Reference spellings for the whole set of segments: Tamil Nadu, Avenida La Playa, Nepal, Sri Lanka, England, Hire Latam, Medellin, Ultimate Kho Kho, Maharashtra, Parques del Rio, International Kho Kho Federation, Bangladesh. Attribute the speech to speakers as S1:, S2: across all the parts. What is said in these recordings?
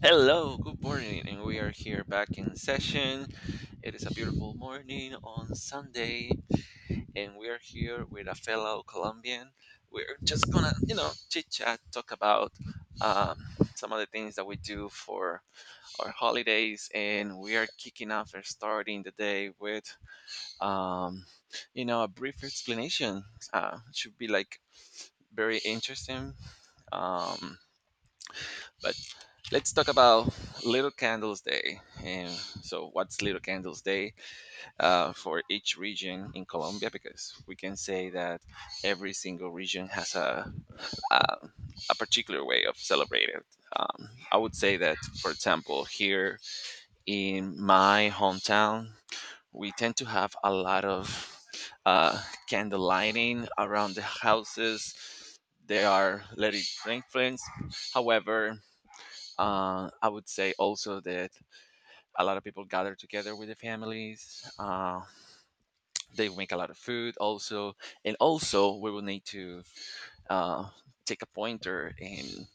S1: Hello, good morning, and we are here back in session. It is a beautiful morning on Sunday, and we are here with a fellow Colombian. We're just gonna, you know, chit chat, talk about um, some of the things that we do for our holidays, and we are kicking off or starting the day with, um, you know, a brief explanation. Should be like very interesting. Um, But let's talk about Little Candles Day. And so, what's Little Candles Day for each region in Colombia? Because we can say that every single region has a, a particular way of celebrating it. I would say that, for example, here in my hometown, we tend to have a lot of uh, candle lighting around the houses. They are letting influence. However, I would say also that a lot of people gather together with their families. They make a lot of food also. And also, we will need to uh, take a pointer and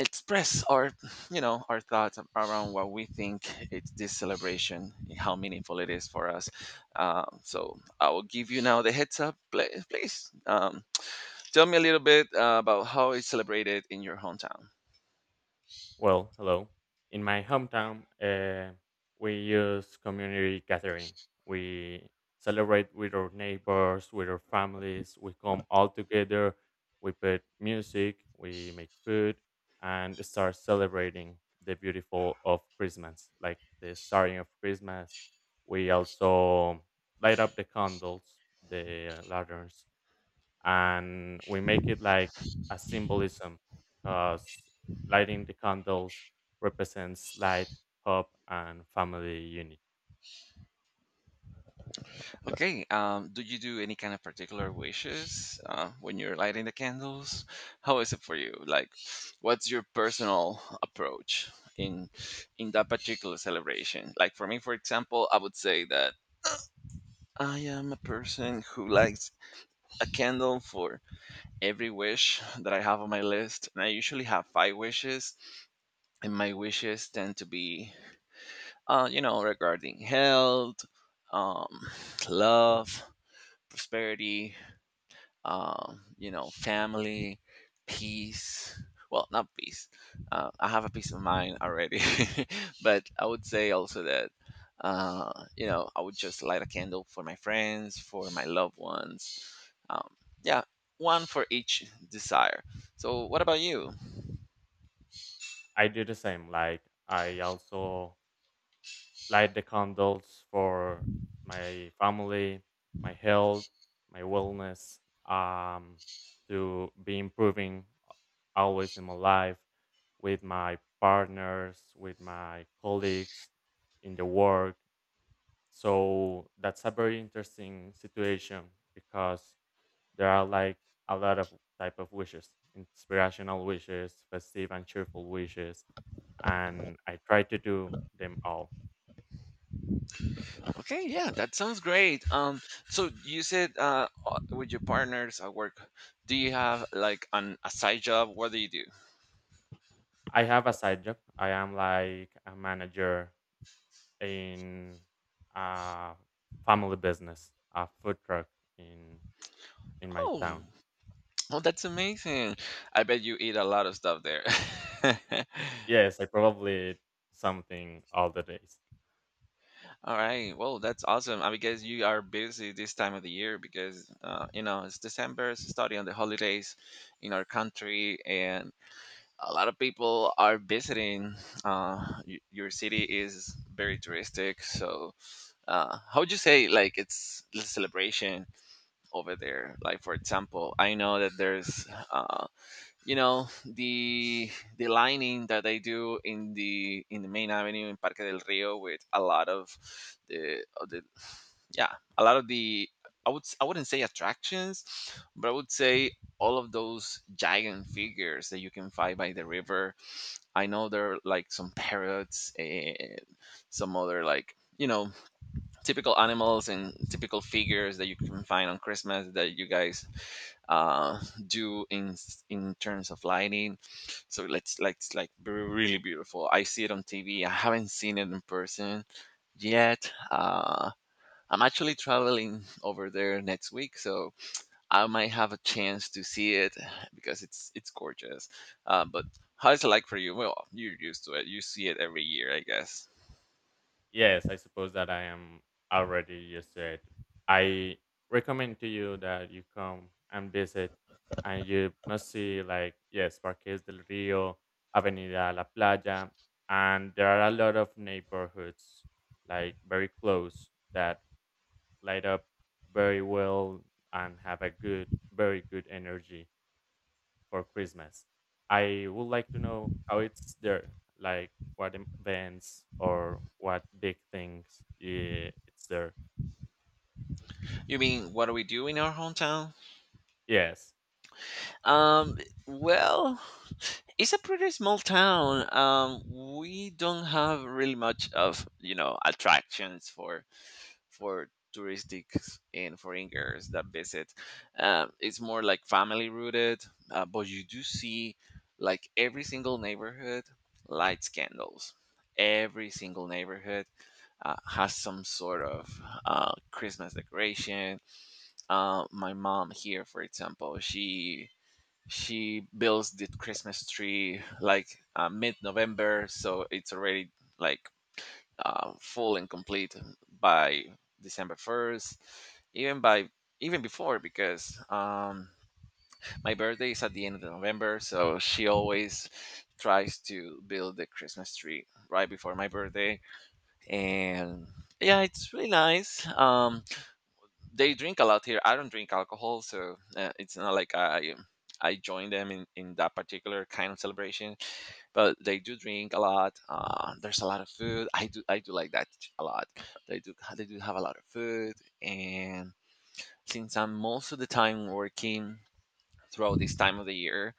S1: express our, you know, our thoughts around what we think it's this celebration, and how meaningful it is for us. So I will give you now the heads up. Please tell me a little bit about how it's celebrated in your hometown.
S2: Well, hello. In my hometown, we use community gathering. We celebrate with our neighbors, with our families. We come all together. We put music. We make food, and start celebrating the beautiful of Christmas, like the starting of Christmas. We also light up the candles, the lanterns, and we make it like a symbolism because lighting the candles represents light, hope, and family unity.
S1: Okay. Do you do any kind of particular wishes when you're lighting the candles? How is it for you? Like, what's your personal approach in in that particular celebration? Like for me, for example, I would say that I am a person who likes a candle for every wish that I have on my list, and I usually have five wishes, and my wishes tend to be, you know, regarding health, um, love, prosperity. You know, family, peace. Well, not peace. I have a peace of mind already, but I would say also that, uh, you know, I would just light a candle for my friends, for my loved ones. Um, yeah, one for each desire. So, what about you?
S2: I do the same. Like I also light the candles for my family, my health, my wellness, um, to be improving always in my life with my partners, with my colleagues in the work. So that's a very interesting situation because there are like a lot of type of wishes, inspirational wishes, festive and cheerful wishes, and I try to do them all.
S1: Okay, yeah, that sounds great. So you said with your partners at work, do you have like an a side job? What do you do?
S2: I have a side job. I am like a manager in a family business, a food truck in in my
S1: Oh,
S2: town.
S1: Oh, that's amazing. I bet you eat a lot of stuff there.
S2: Yes, I probably eat something all the days.
S1: All right. Well, that's awesome. I guess you are busy this time of the year because, you know, it's December, it's starting on the holidays in our country, and a lot of people are visiting. Your city is very touristic. So, how would you say, like, it's the celebration over there? Like, for example, I know that there's you know the lining that they do in the main avenue in Parque del Rio with a lot of the yeah a lot of the I wouldn't say attractions, but I would say all of those giant figures that you can find by the river. I know there are like some parrots and some other like you know typical animals and typical figures that you can find on Christmas that you guys uh, in terms of lighting. So let's like it's really beautiful. I see it on TV. I haven't seen it in person yet. I'm actually traveling over there next week, so I might have a chance to see it because it's gorgeous. But how is it like for you? Well, you're used to it. You see it every year, I guess.
S2: Yes, I suppose that I am already used to it. I recommend to you that you come and visit, and you must see like yes, Parques del Rio, Avenida La Playa, and there are a lot of neighborhoods like very close that light up very well and have a good, very good energy for Christmas. I would like to know how it's there, like what events or what big things yeah, it's there.
S1: You mean what do we do in our hometown?
S2: Yes,
S1: Um, well, it's a pretty small town. We don't have really much of, you know, attractions for touristics and foreigners that visit. It's more like family rooted, but you do see like every single neighborhood lights candles. Every single neighborhood has some sort of Christmas decoration. My mom here, for example, she builds the Christmas tree like mid November, so it's already like full and complete by December 1st, even by even before because my birthday is at the end of November, so she always tries to build the Christmas tree right before my birthday, and yeah, it's really nice. They drink a lot here. I don't drink alcohol, so it's not like I join them in that particular kind of celebration. But they do drink a lot. There's a lot of food. I do like that a lot. They do have a lot of food, and since I'm most of the time working throughout this time of the year,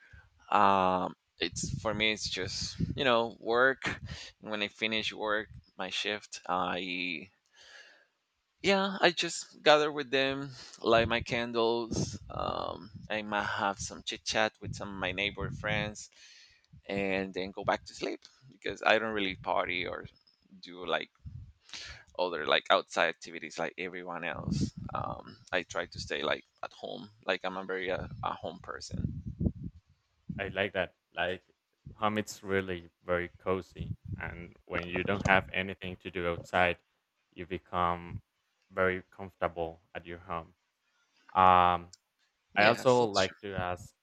S1: um, it's for me it's just you know work. When I finish work, my shift, I yeah, I just gather with them, light my candles. I might have some chit chat with some of my neighbor friends, and then go back to sleep because I don't really party or do like other like outside activities like everyone else. I try to stay like at home. Like I'm a very a home person.
S2: I like that. Like home, it's really very cozy, and when you don't have anything to do outside, you become very comfortable at your home. Um, I
S1: Yes,
S2: also
S1: it's true.
S2: like to ask.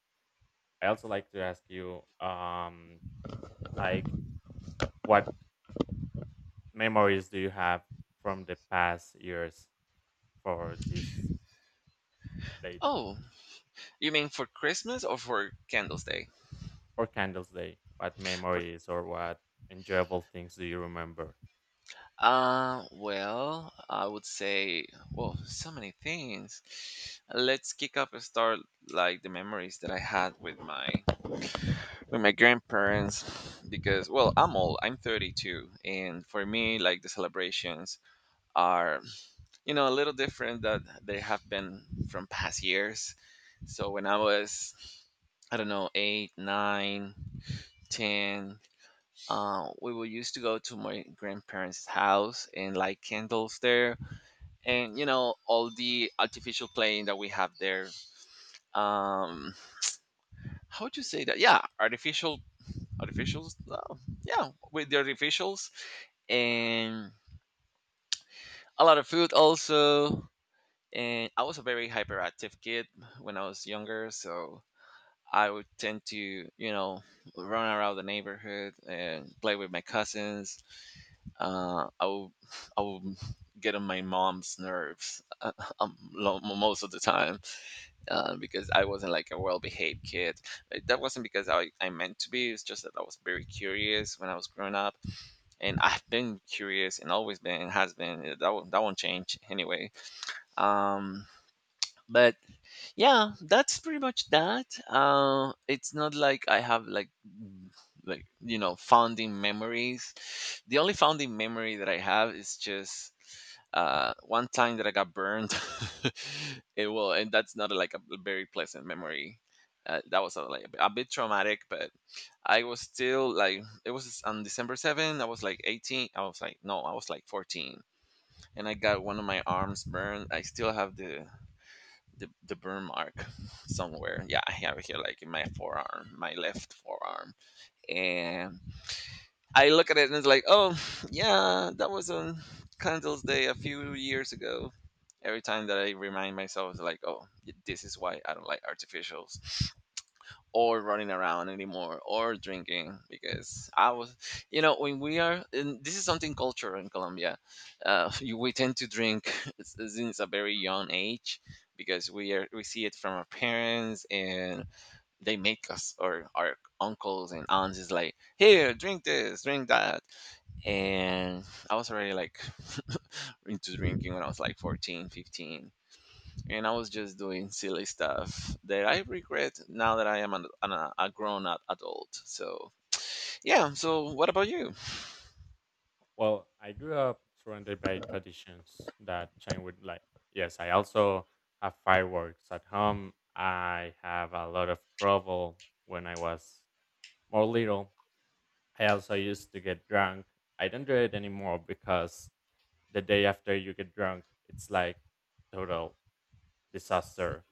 S2: I also like to ask you, like, what memories do you have from the past years for this date.
S1: Oh, you mean for Christmas or for Candles Day?
S2: For Candles Day, what
S1: For
S2: memories or what enjoyable things do you remember?
S1: Well, I would say, well, so many things. Let's kick up and start like the memories that I had with my grandparents because well, I'm old. I'm 32, and for me, like the celebrations are, you know, a little different that they have been from past years. So when I was I don't know, eight, nine, ten. We will used to go to my grandparents' house and light candles there and you know all the artificial plane that we have there um how would you say that yeah artificial artificials yeah with the artificials and a lot of food also and I was a very hyperactive kid when I was younger so I would tend to you know run around the neighborhood and play with my cousins uh i would I would get on my mom's nerves most of the time because I wasn't like a well-behaved kid. That wasn't because I meant to be. It's just that I was very curious when I was growing up, and I've been curious and always been and has been. That won't change anyway. Um, but yeah that's pretty much that it's not like I have like like you know founding memories the only founding memory that I have is just one time that I got burned it will and that's not like a very pleasant memory that was like a bit traumatic but I was still like it was on december 7th I was like no I was like 14 and I got one of my arms burned I still have the burn mark somewhere. Yeah, I have it here, like in my forearm, my left forearm. And I look at it and it's like, oh yeah, that was on Candles Day a few years ago. Every time that I remind myself, it's like, oh, this is why I don't like artificials or running around anymore or drinking because I was you know when we are and this is something cultural in colombia we tend to drink since a very young age because we see it from our parents and they make us or our uncles and aunts is like here drink this drink that and I was already like into drinking when I was like 14, 15 and I was just doing silly stuff that I regret now that I am a grown up adult. So, yeah, so what about you?
S2: Well, I grew up surrounded by traditions that change with life. Yes, I also have fireworks at home. I have a lot of trouble when I was more little. I also used to get drunk. I don't do it anymore because the day after you get drunk it's like total disaster.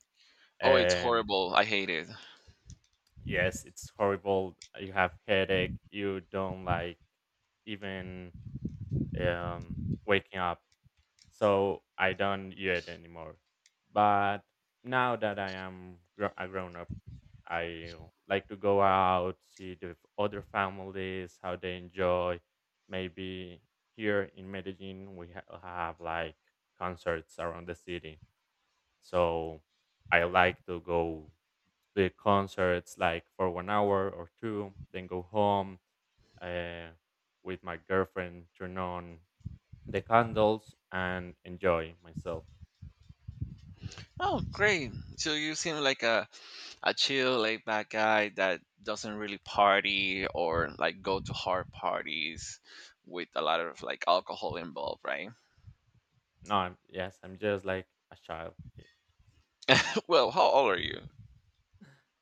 S1: Oh, it's
S2: Um,
S1: horrible. I hate it.
S2: Yes, it's horrible. You have headache. You don't like even um, waking up. So I don't eat it anymore. But now that I am a grown up, I like to go out, see the other families, how they enjoy. Maybe here in Medellin, we have like concerts around the city. So I like to go the concerts like for 1 hour or two, then go home uh, with my girlfriend, turn on the candles and enjoy myself.
S1: Oh, great. So you seem like a chill, laid back guy that doesn't really party or like go to hard parties with a lot of like alcohol involved, right?
S2: No, I'm, yes, I'm just like a child here.
S1: Well, how old are you?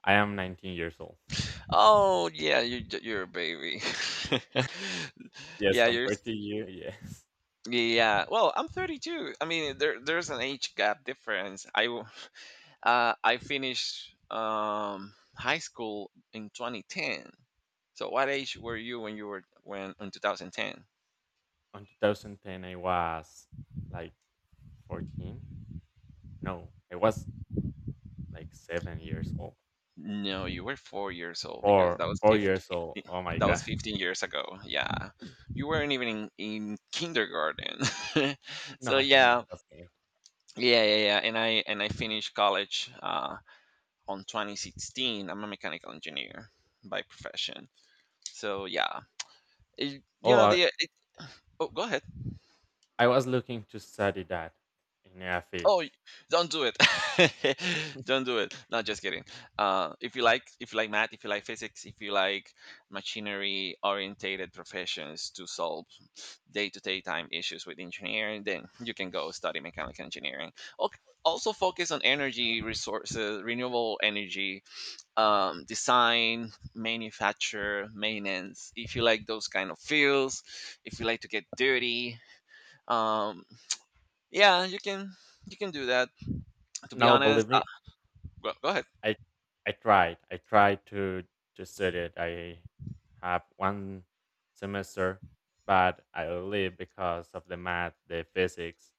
S2: I am 19 years old.
S1: Oh, yeah, you're a baby.
S2: Yes,
S1: yeah, you're
S2: compared to you, yes.
S1: Yeah, well, I'm 32. I mean, there's an age gap difference. I finished high school in 2010. So what age were you when you were when in 2010?
S2: On 2010, I was like 14. No, I was like 7 years old.
S1: No, you were 4 years old because
S2: Four,
S1: that was
S2: 4 years old.
S1: 15,
S2: Oh my
S1: that was
S2: God.
S1: 15 years ago. Yeah, you weren't even in kindergarten.
S2: No,
S1: so
S2: I
S1: yeah,
S2: know. Was not.
S1: yeah. And I finished college on 2016. I'm a mechanical engineer by profession. So yeah, you
S2: Oh,
S1: know
S2: I,
S1: the oh go ahead.
S2: I was looking to study that in a field.
S1: Oh, y- don't do it. don't do it. No, just kidding. If you like math, if you like physics, if you like machinery orientated professions to solve day to day time issues with engineering, then you can go study mechanical engineering. Okay. Also focus on energy resources, renewable energy, design, manufacture, maintenance. If you like those kind of fields, if you like to get dirty, um yeah, you can do that, to be
S2: No,
S1: honest.
S2: believe me,
S1: Go ahead.
S2: I I tried. I tried to study it. I have one semester, but I leave because of the math, the physics.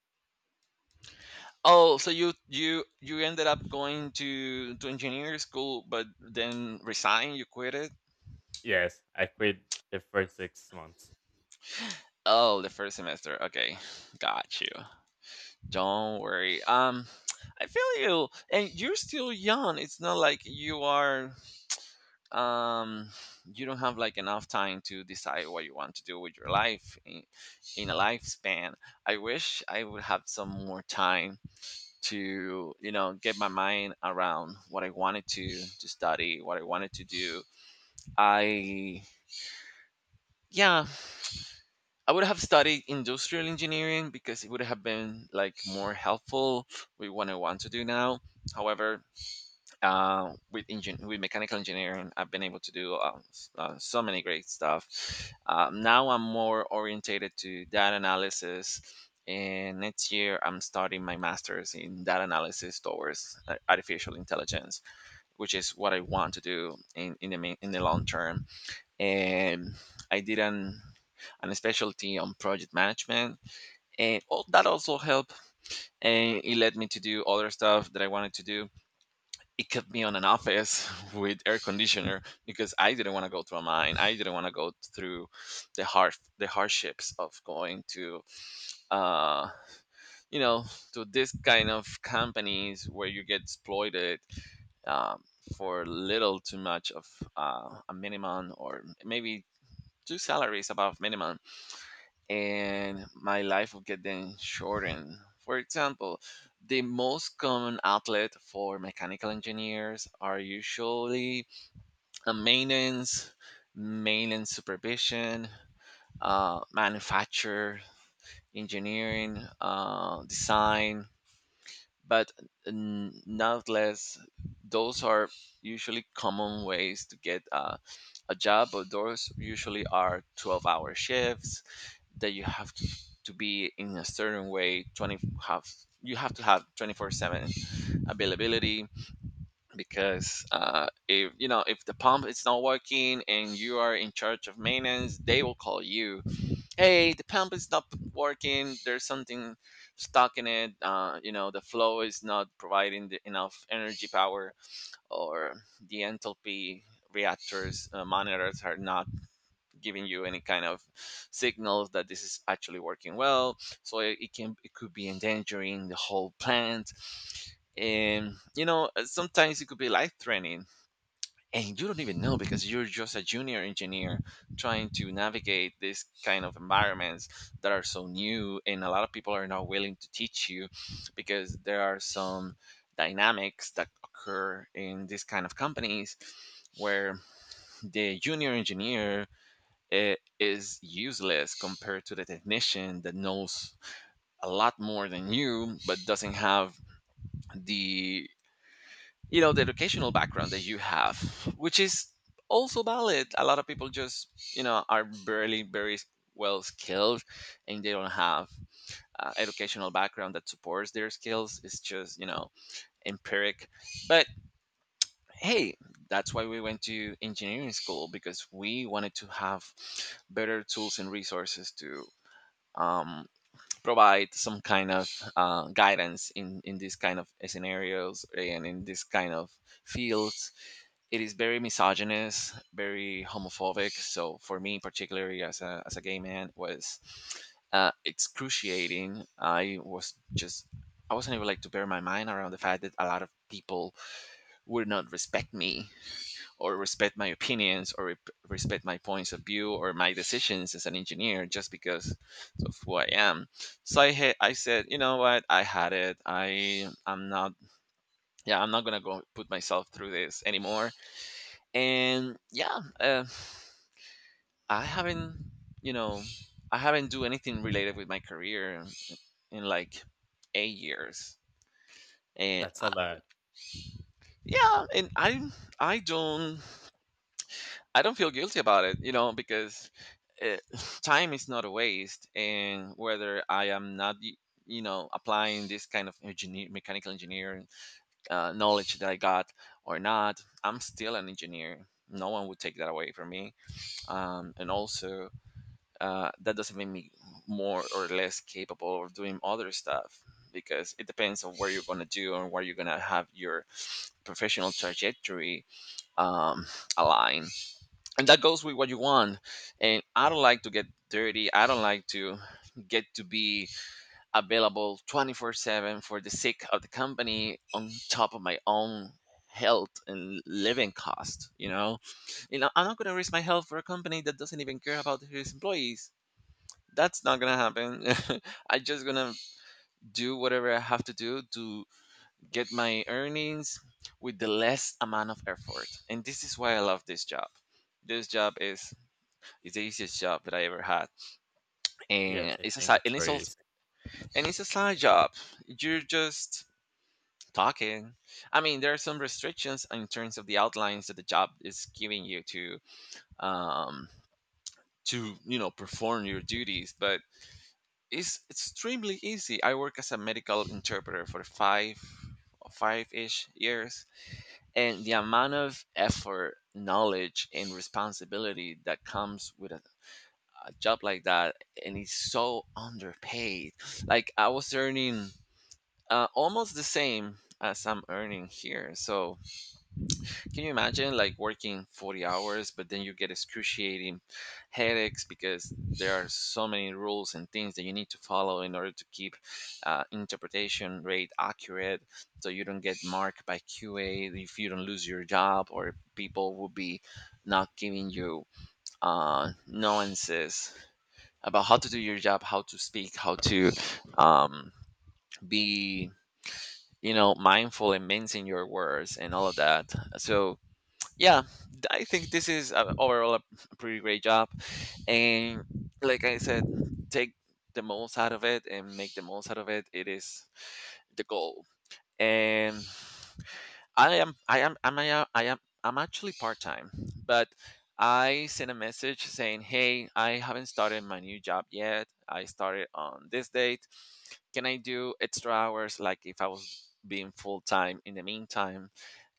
S1: Oh, so you ended up going to engineering school, but then resign you quit it?
S2: Yes, I quit the first 6 months.
S1: Oh, the first semester. Okay, got you. Don't worry. I feel you, and you're still young. It's not like you are um you don't have like enough time to decide what you want to do with your life in a lifespan. I wish I would have some more time to, you know, get my mind around what I wanted to study, what I wanted to do. I Yeah, I would have studied industrial engineering because it would have been like more helpful with what I want to do now. However, with engine with mechanical engineering, I've been able to do so many great stuff. Now I'm more orientated to data analysis. And next year, I'm starting my master's in data analysis towards artificial intelligence, which is what I want to do in in the long term. And I did an specialty on project management, and all, that also helped. And it led me to do other stuff that I wanted to do. It kept me on an office with air conditioner because I didn't want to go to a mine. I didn't want to go through the hardships of going to uh, you know, to this kind of companies where you get exploited, um, for little too much of a minimum, or maybe two salaries above minimum, and my life will get then shortened. For example, the most common outlet for mechanical engineers are usually a maintenance maintenance supervision, manufacture engineering, design. But nonetheless, those are usually common ways to get a job. But those usually are 12-hour shifts that you have to be in a certain way. Twenty have You have to have 24/7 availability, because if you know, if the pump is not working and you are in charge of maintenance, they will call you: hey, the pump is not working, there's something stuck in it. You know, the flow is not providing the enough energy power, or the enthalpy reactors, monitors are not giving you any kind of signals that this is actually working well. So it could be endangering the whole plant. And you know, sometimes it could be life threatening, and you don't even know because you're just a junior engineer trying to navigate this kind of environments that are so new, and a lot of people are not willing to teach you, because there are some dynamics that occur in these kind of companies where the junior engineer is useless compared to the technician that knows a lot more than you, but doesn't have the, you know, the educational background that you have, which is also valid. A lot of people just, you know, are barely very well skilled, and they don't have educational background that supports their skills. It's just, you know, empiric. But hey, that's why we went to engineering school, because we wanted to have better tools and resources to, um, provide some kind of guidance in these kind of scenarios and in this kind of fields. It is very misogynist, very homophobic. So for me, particularly as a gay man, was excruciating. I was just, I wasn't able like to bear my mind around the fact that a lot of people would not respect me, or respect my opinions, or respect my points of view or my decisions as an engineer, just because of who I am. So I said, you know what? I had it. I'm not, yeah, I'm not going to go put myself through this anymore. And yeah, I haven't, you know, I haven't do anything related with my career in like 8 years. and
S2: That's
S1: I,
S2: a lot.
S1: yeah, and I don't I don't feel guilty about it, you know, because uh time is not a waste, and whether I am not you know, applying this kind of engineer mechanical engineering knowledge that I got or not, I'm still an engineer. No one would take that away from me. And also, that doesn't make me more or less capable of doing other stuff, because it depends on where you're going to do and where you're going to have your professional trajectory um, align. And that goes with what you want. And I don't like to get dirty. I don't like to get to be available 24/7 for the sake of the company on top of my own health and living cost. You know, I'm not going to risk my health for a company that doesn't even care about his employees. That's not gonna happen. I just gonna do whatever I have to do to get my earnings with the less amount of effort. And this is why I love this job. This job is is the easiest job that I ever had,
S2: Yes,
S1: and
S2: I
S1: it's a
S2: think
S1: side,
S2: it's
S1: and it's
S2: very
S1: also
S2: easy.
S1: and it's a side job. You're just talking. I mean, there are some restrictions in terms of the outlines that the job is giving you to, um to, you know, perform your duties, but it's extremely easy. I work as a medical interpreter for five-ish years, and the amount of effort, knowledge, and responsibility that comes with a job like that, and it's so underpaid. Like I was earning almost the same as I'm earning here, so can you imagine like working 40 hours, but then you get excruciating headaches because there are so many rules and things that you need to follow in order to keep interpretation rate accurate, so you don't get marked by QA, if you don't lose your job, or people will be not giving you nuances about how to do your job, how to speak, how to um, be, you know, mindful and mincing your words and all of that. So yeah, I think this is overall a pretty great job. And like I said, take the most out of it and make the most out of it, it is the goal. And I am I'm, I am I'm actually part-time, but I sent a message saying hey, I haven't started my new job yet, I started on this date, can I do extra hours? Like if I was being full time in the meantime,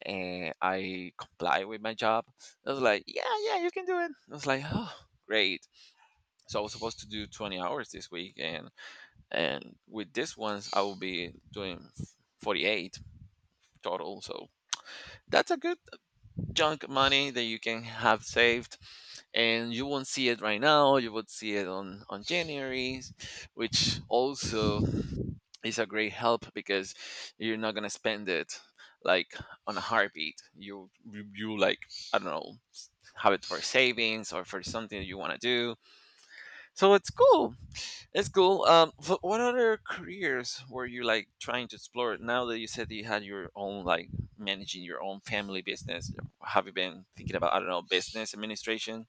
S1: and I comply with my job. I was like, yeah, yeah, you can do it. I was like, oh, great. So I was supposed to do 20 hours this week, and with this ones I will be doing 48 total. So that's a good chunk of money that you can have saved, and you won't see it right now. You would see it on January, which also is a great help, because you're not gonna spend it like on a heartbeat. You like, I don't know, have it for savings or for something that you want to do. So it's cool. It's cool. What other careers were you like trying to explore? Now that you said that you had your own like managing your own family business, have you been thinking about, I don't know, business administration?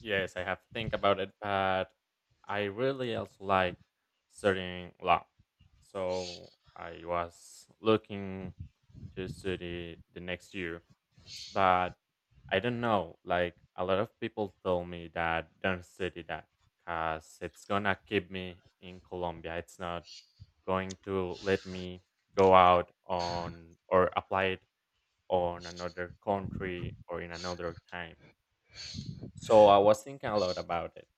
S2: Yes, I have think about it, but I really also like studying law. So I was looking to study the next year. But I don't know, like a lot of people told me that don't study that because it's gonna keep me in Colombia. It's not going to let me go out on or apply it on another country or in another time. So I was thinking a lot about it,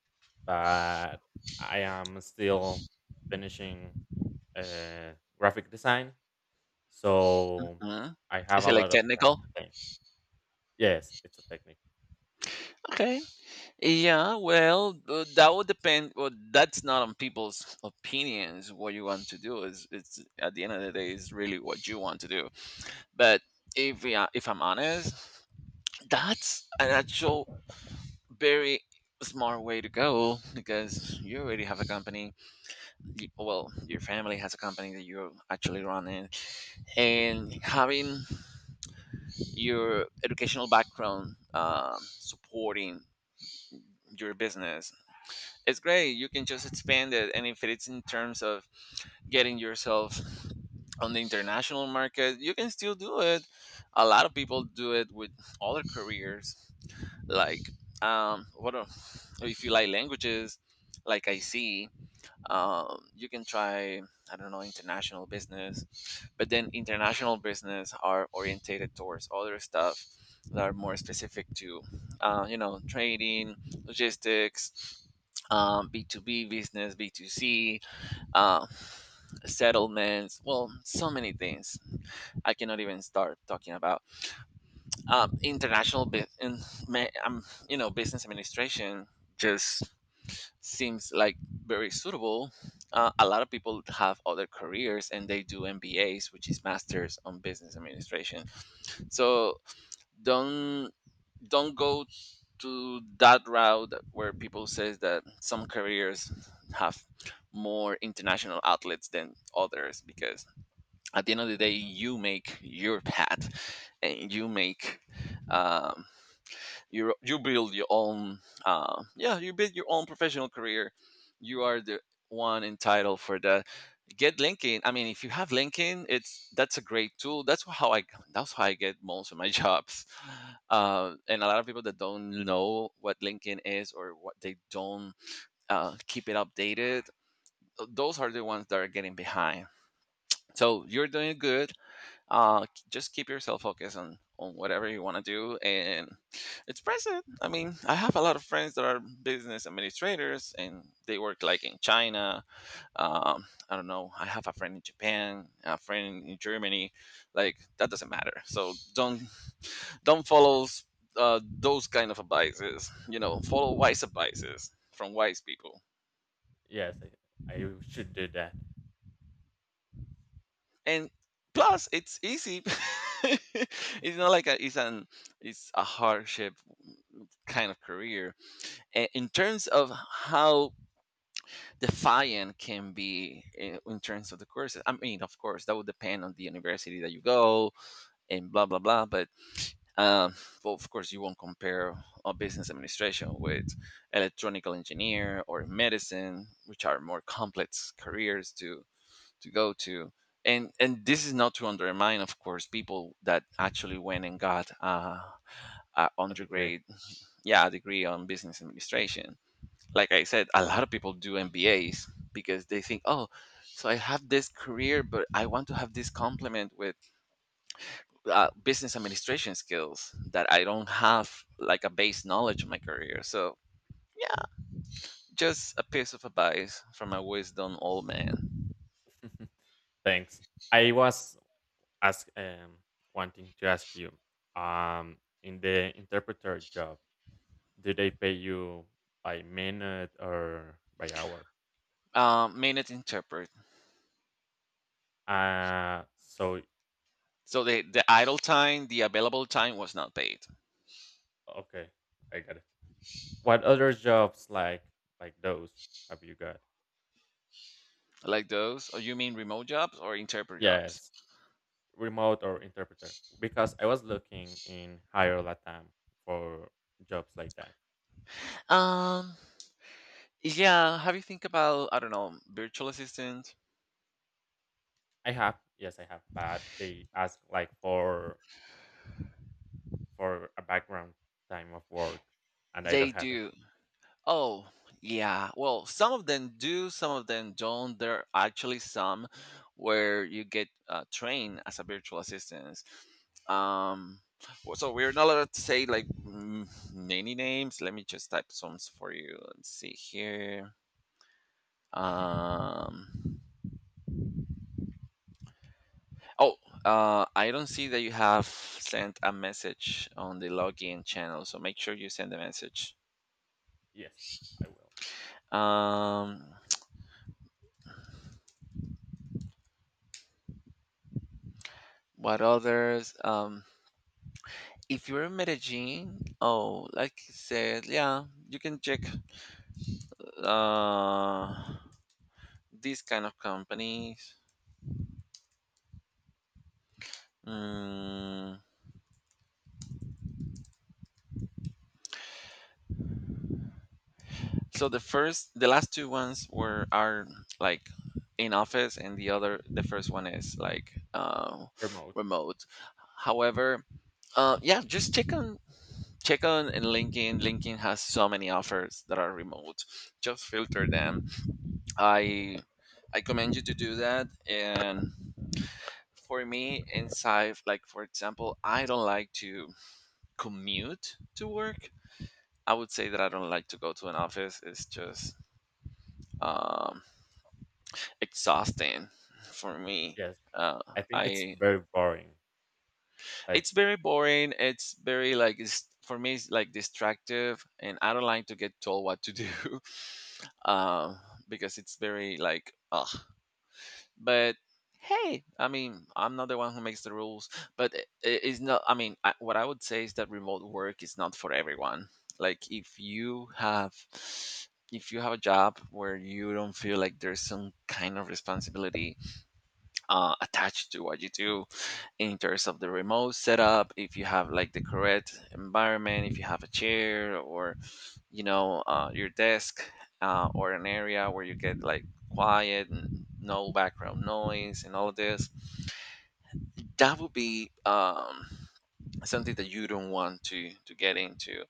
S2: but I am still finishing graphic design. So
S1: uh
S2: I have
S1: Is
S2: a
S1: it like
S2: lot of time
S1: technical?
S2: to think. Yes, it's a technique.
S1: Okay. Yeah, well, that would depend. Well, that's not on people's opinions. What you want to do is, it's at the end of the day, is really what you want to do. But if we are, if I'm honest, that's an actual very smart way to go because you already have a company. Well, your family has a company that you're actually running, and having your educational background supporting your business, it's great. You can just expand it, and if it's in terms of getting yourself on the international market, you can still do it. A lot of people do it with other careers, like um, what are, if you like languages, like I see you can try, I don't know, international business, but then international business are orientated towards other stuff that are more specific to, you know, trading, logistics, b2b business, b2c, uh, settlements, well, so many things I cannot even start talking about. um, international bu- you know, business administration just seems like very suitable. A lot of people have other careers and they do MBAs, which is masters on business administration. So don't don't go to that route where people says that some careers have more international outlets than others, because at the end of the day you make your path and you make um, you build your own yeah, you build your own professional career. You are the one entitled for that. Get LinkedIn. I mean, if you have LinkedIn, it's that's a great tool. That's how I get most of my jobs. And a lot of people that don't know what LinkedIn is, or what they don't keep it updated, those are the ones that are getting behind. So you're doing good. Just keep yourself focused on whatever you want to do, and it's present. I mean, I have a lot of friends that are business administrators and they work like in China. I don't know, I have a friend in Japan, a friend in Germany. Like, that doesn't matter. So don't follow those kind of advices. You know, follow wise advices from wise people.
S2: Yes, I should do that.
S1: And
S2: D
S1: plus, it's easy. It's not like a, it's an it's a hardship kind of career. In terms of how defiant can be in terms of the courses, I mean, of course, that would depend on the university that you go, and blah blah blah. But um, well, of course, you won't compare a business administration with electronical engineer or medicine, which are more complex careers to go to. And this is not to undermine, of course, people that actually went and got a
S2: A degree.
S1: undergrad, yeah, degree on business administration. Like I said, a lot of people do MBAs because they think, oh, so I have this career, but I want to have this complement with business administration skills that I don't have, like a base knowledge of my career. So yeah, just a piece of advice from a wisdom old man.
S2: Thanks. I was ask wanting to ask you, in the interpreter job, do they pay you by minute or by hour?
S1: Minute interpret.
S2: So
S1: So the idle time, the available time, was not paid.
S2: okay, I got it. What other jobs like those have you got?
S1: Like those? Or you mean remote jobs or interpret jobs?
S2: Yes, remote or interpreter. Because I was looking in Hire Latam for jobs like that.
S1: Um, yeah. Have you think about, I don't know, virtual assistant?
S2: I have, yes, I have, but they ask like for a background time of work, and I
S1: They
S2: don't have it.
S1: do. Oh, yeah. Well, some of them do, some of them don't. There are actually some where you get trained as a virtual assistant. Um, so we're not allowed to say like many names. Let me just type some for you. Let's see here. Um, oh, I don't see that you have sent a message on the login channel. So make sure you send a message.
S2: Yes, I will
S1: Um, what others? If you're in Medellin, oh, like you said, yeah, you can check uh, these kind of companies. Mm, so the first, the last two ones were are like in office, and the other, the first one is like
S2: remote.
S1: remote. However, yeah, just check on and LinkedIn. LinkedIn has so many offers that are remote. Just filter them. I I commend you to do that. And for me inside, like, for example, I don't like to commute to work. I would say that I don't like to go to an office. It's just um, exhausting for me.
S2: Yes,
S1: Uh,
S2: I think it's
S1: I
S2: very boring. Like,
S1: It's very boring, it's very like it's, for me it's like distractive, and I don't like to get told what to do. um, because it's very like ugh, but hey, I mean, I'm not the one who makes the rules. But it, it's not. I mean, I, what I would say is that remote work is not for everyone. Like, if you have a job where you don't feel like there's some kind of responsibility attached to what you do, in terms of the remote setup, if you have like the correct environment, if you have a chair, or you know, your desk, or an area where you get like quiet and no background noise and all of this, that would be something that you don't want to get into.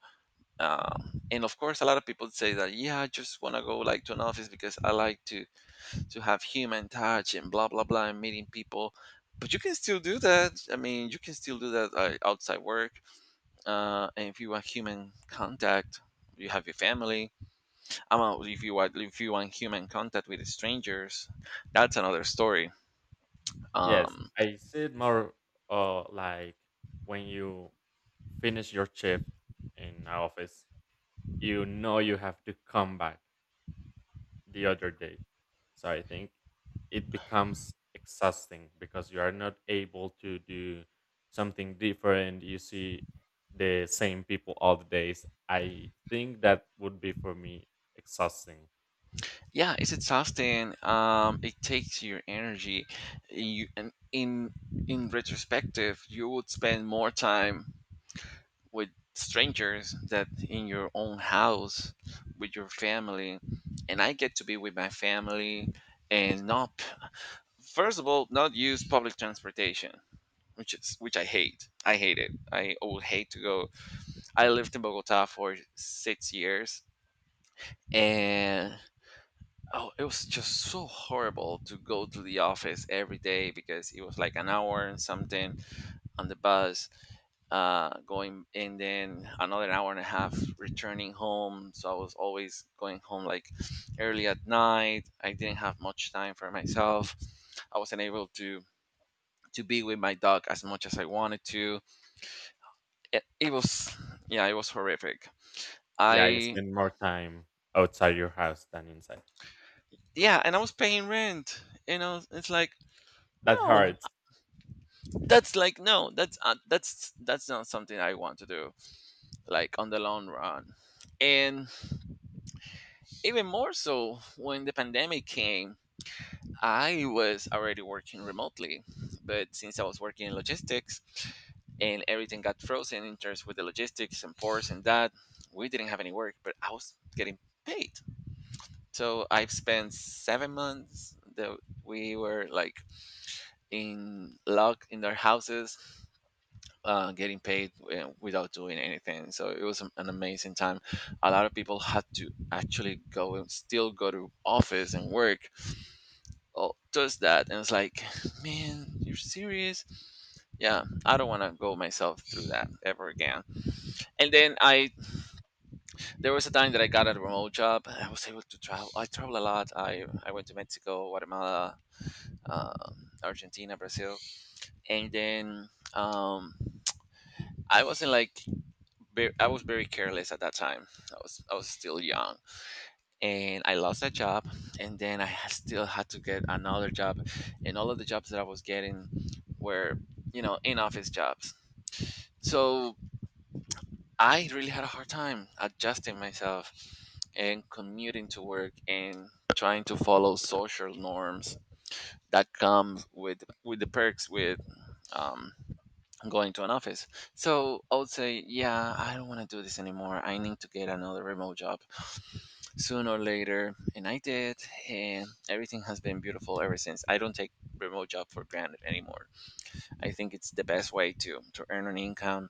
S1: And of course, a lot of people say that yeah, I just want to go like to an office because I like to have human touch and blah blah blah and meeting people. But you can still do that. I mean, you can still do that outside work. And if you want human contact, you have your family. If you want human contact with strangers, that's another story.
S2: yes,
S1: Um,
S2: I see it more like when you finish your shift in an office, you know you have to come back the other day. So I think it becomes exhausting because you are not able to do something different. You see the same people all the days. I think that would be for me exhausting.
S1: yeah, it's exhausting. It takes your energy. You and in retrospective, you would spend more time with strangers that in your own house with your family. And I get to be with my family, and not, first of all, not use public transportation, which is which I hate. I hate it. I would hate to go. I lived in Bogota for 6 years, and oh, it was just so horrible to go to the office every day, because it was like an hour and something on the bus, going, and then another hour and a half returning home. So I was always going home like early at night. I didn't have much time for myself. I wasn't able to be with my dog as much as I wanted to. It was yeah, it was horrific.
S2: Yeah, you
S1: I
S2: spend more time outside your house than inside.
S1: yeah, and I was paying rent, you know, it's like
S2: That
S1: no,
S2: hurts.
S1: that's like no, that's that's not something I want to do, like on the long run. And even more so when the pandemic came, I was already working remotely, but since I was working in logistics, and everything got frozen in terms with the logistics and ports and that, we didn't have any work, but I was getting paid. So I've spent 7 months that we were like in locked in their houses, getting paid without doing anything. So it was an amazing time. A lot of people had to actually go and still go to office and work. Oh, just that, and it's like, man, you're serious? Yeah, I don't want to go myself through that ever again. And then I, there was a time that I got a remote job. And I was able to travel. I travel a lot. I went to Mexico, Guatemala, uh, Argentina, Brazil, and then um, I wasn't like I was very careless at that time. I was still young, and I lost that job, and then still had to get another job, and all of the jobs that I was getting were, you know, in office jobs. So I really had a hard time adjusting myself and commuting to work and trying to follow social norms that come with the perks with um, going to an office. So I would say, yeah, I don't want to do this anymore. I need to get another remote job sooner or later, and I did. And everything has been beautiful ever since. I don't take remote job for granted anymore. I think it's the best way to earn an income.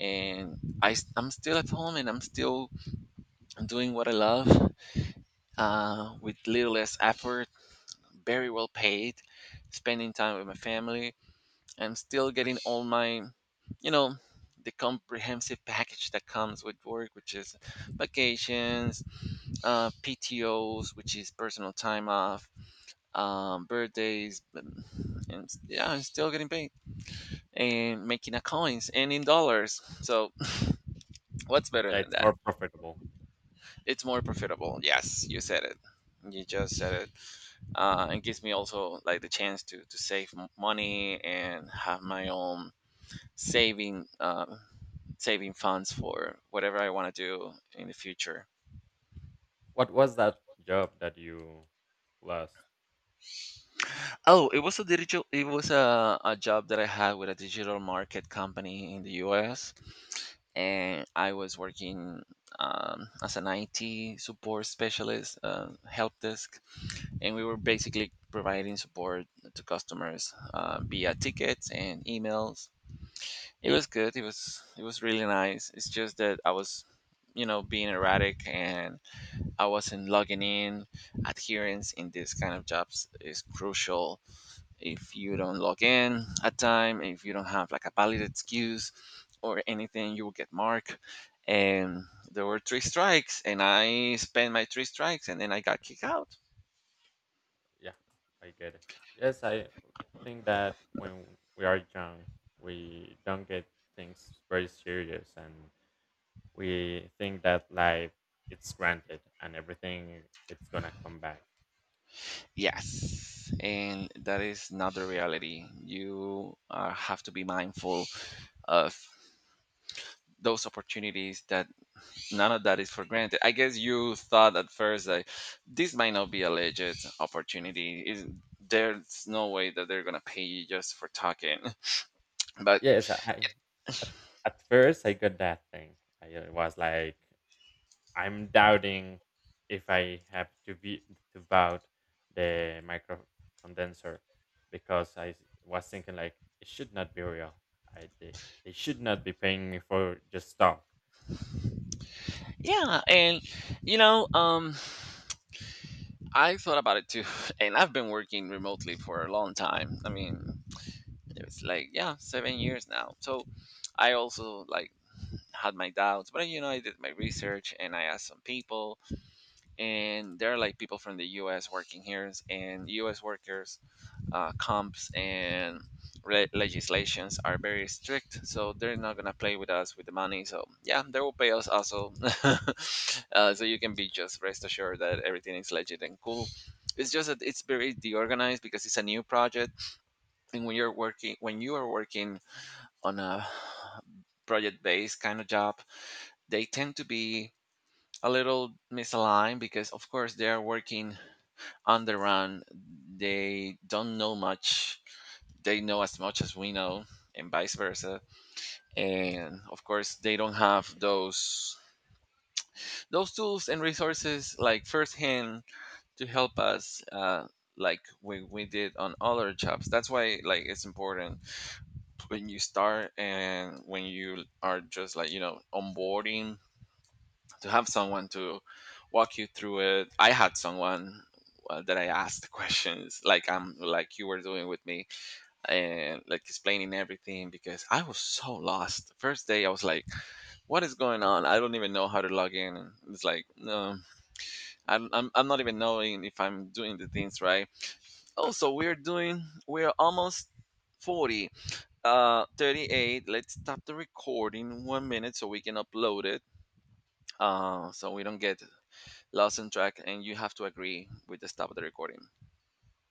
S1: And I, am still at home, and I'm still doing what I love, with little less effort, very well paid, spending time with my family. I'm still getting all my, you know, the comprehensive package that comes with work, which is vacations, PTOs, which is personal time off, birthdays, and yeah, I'm still getting paid and making a coins and in dollars. So what's better
S2: Yeah,
S1: than
S2: it's
S1: that?
S2: more profitable.
S1: It's more profitable. Yes, you said it. You just said it. It gives me also like the chance to save money and have my own saving saving funds for whatever I want to do in the future.
S2: What was that job that you lost?
S1: Oh, it was a digital. It was a job that I had with a digital market company in the U.S., and I was working as an IT support specialist, help desk, and we were basically providing support to customers via tickets and emails. It was good. It was really nice. It's just that I was, you know, being erratic, and I wasn't logging in. Adherence in these kind of jobs is crucial. If you don't log in at time, if you don't have like a valid excuse or anything, you will get marked. And there were three strikes, and I spent my three strikes, and then I got kicked out.
S2: Yeah, I get it. Yes, I think that when we are young, we don't get things very serious and we think that life it's granted and everything it's gonna come back.
S1: Yes, and that is not the reality. You have to be mindful of those opportunities, that none of that is for granted. I guess you thought at first that this might not be a legit opportunity, is there's no way that they're gonna pay you just for talking. But
S2: Yes, at, at first I got that thing. I was like I'm doubting if I have to be to vote the micro condenser because I was thinking like it should not be real. I they, they should not be paying me for just talk.
S1: yeah, and you know, I thought about it too. And I've been working remotely for a long time. I mean, it's like, yeah, 7 years now. So I also like had my doubts, but you know, I did my research and I asked some people, and there are like people from the US working here, and US workers comps and legislations are very strict, so they're not gonna play with us with the money. So yeah, they will pay us also. Uh, so you can be just rest assured that everything is legit and cool. It's just that it's very deorganized because it's a new project, and when you're working when you are working on a project based kind of job, they tend to be a little misaligned, because of course they are working on the run. They don't know much. They know as much as we know, and vice versa. And of course they don't have those tools and resources like firsthand to help us like we did on other jobs. That's why like it's important when you start and when you are just like, you know, onboarding, to have someone to walk you through it. I had someone that I asked questions, like I'm like you were doing with me and like explaining everything, because I was so lost. The first day I was like, "What is going on? I don't even know how to log in." And it's like, no, I'm, I'm not even knowing if I'm doing the things right. Also, we're almost 40, 38. Let's stop the recording 1 minute so we can upload it, so we don't get lost in track, and you have to agree with the stop of the recording.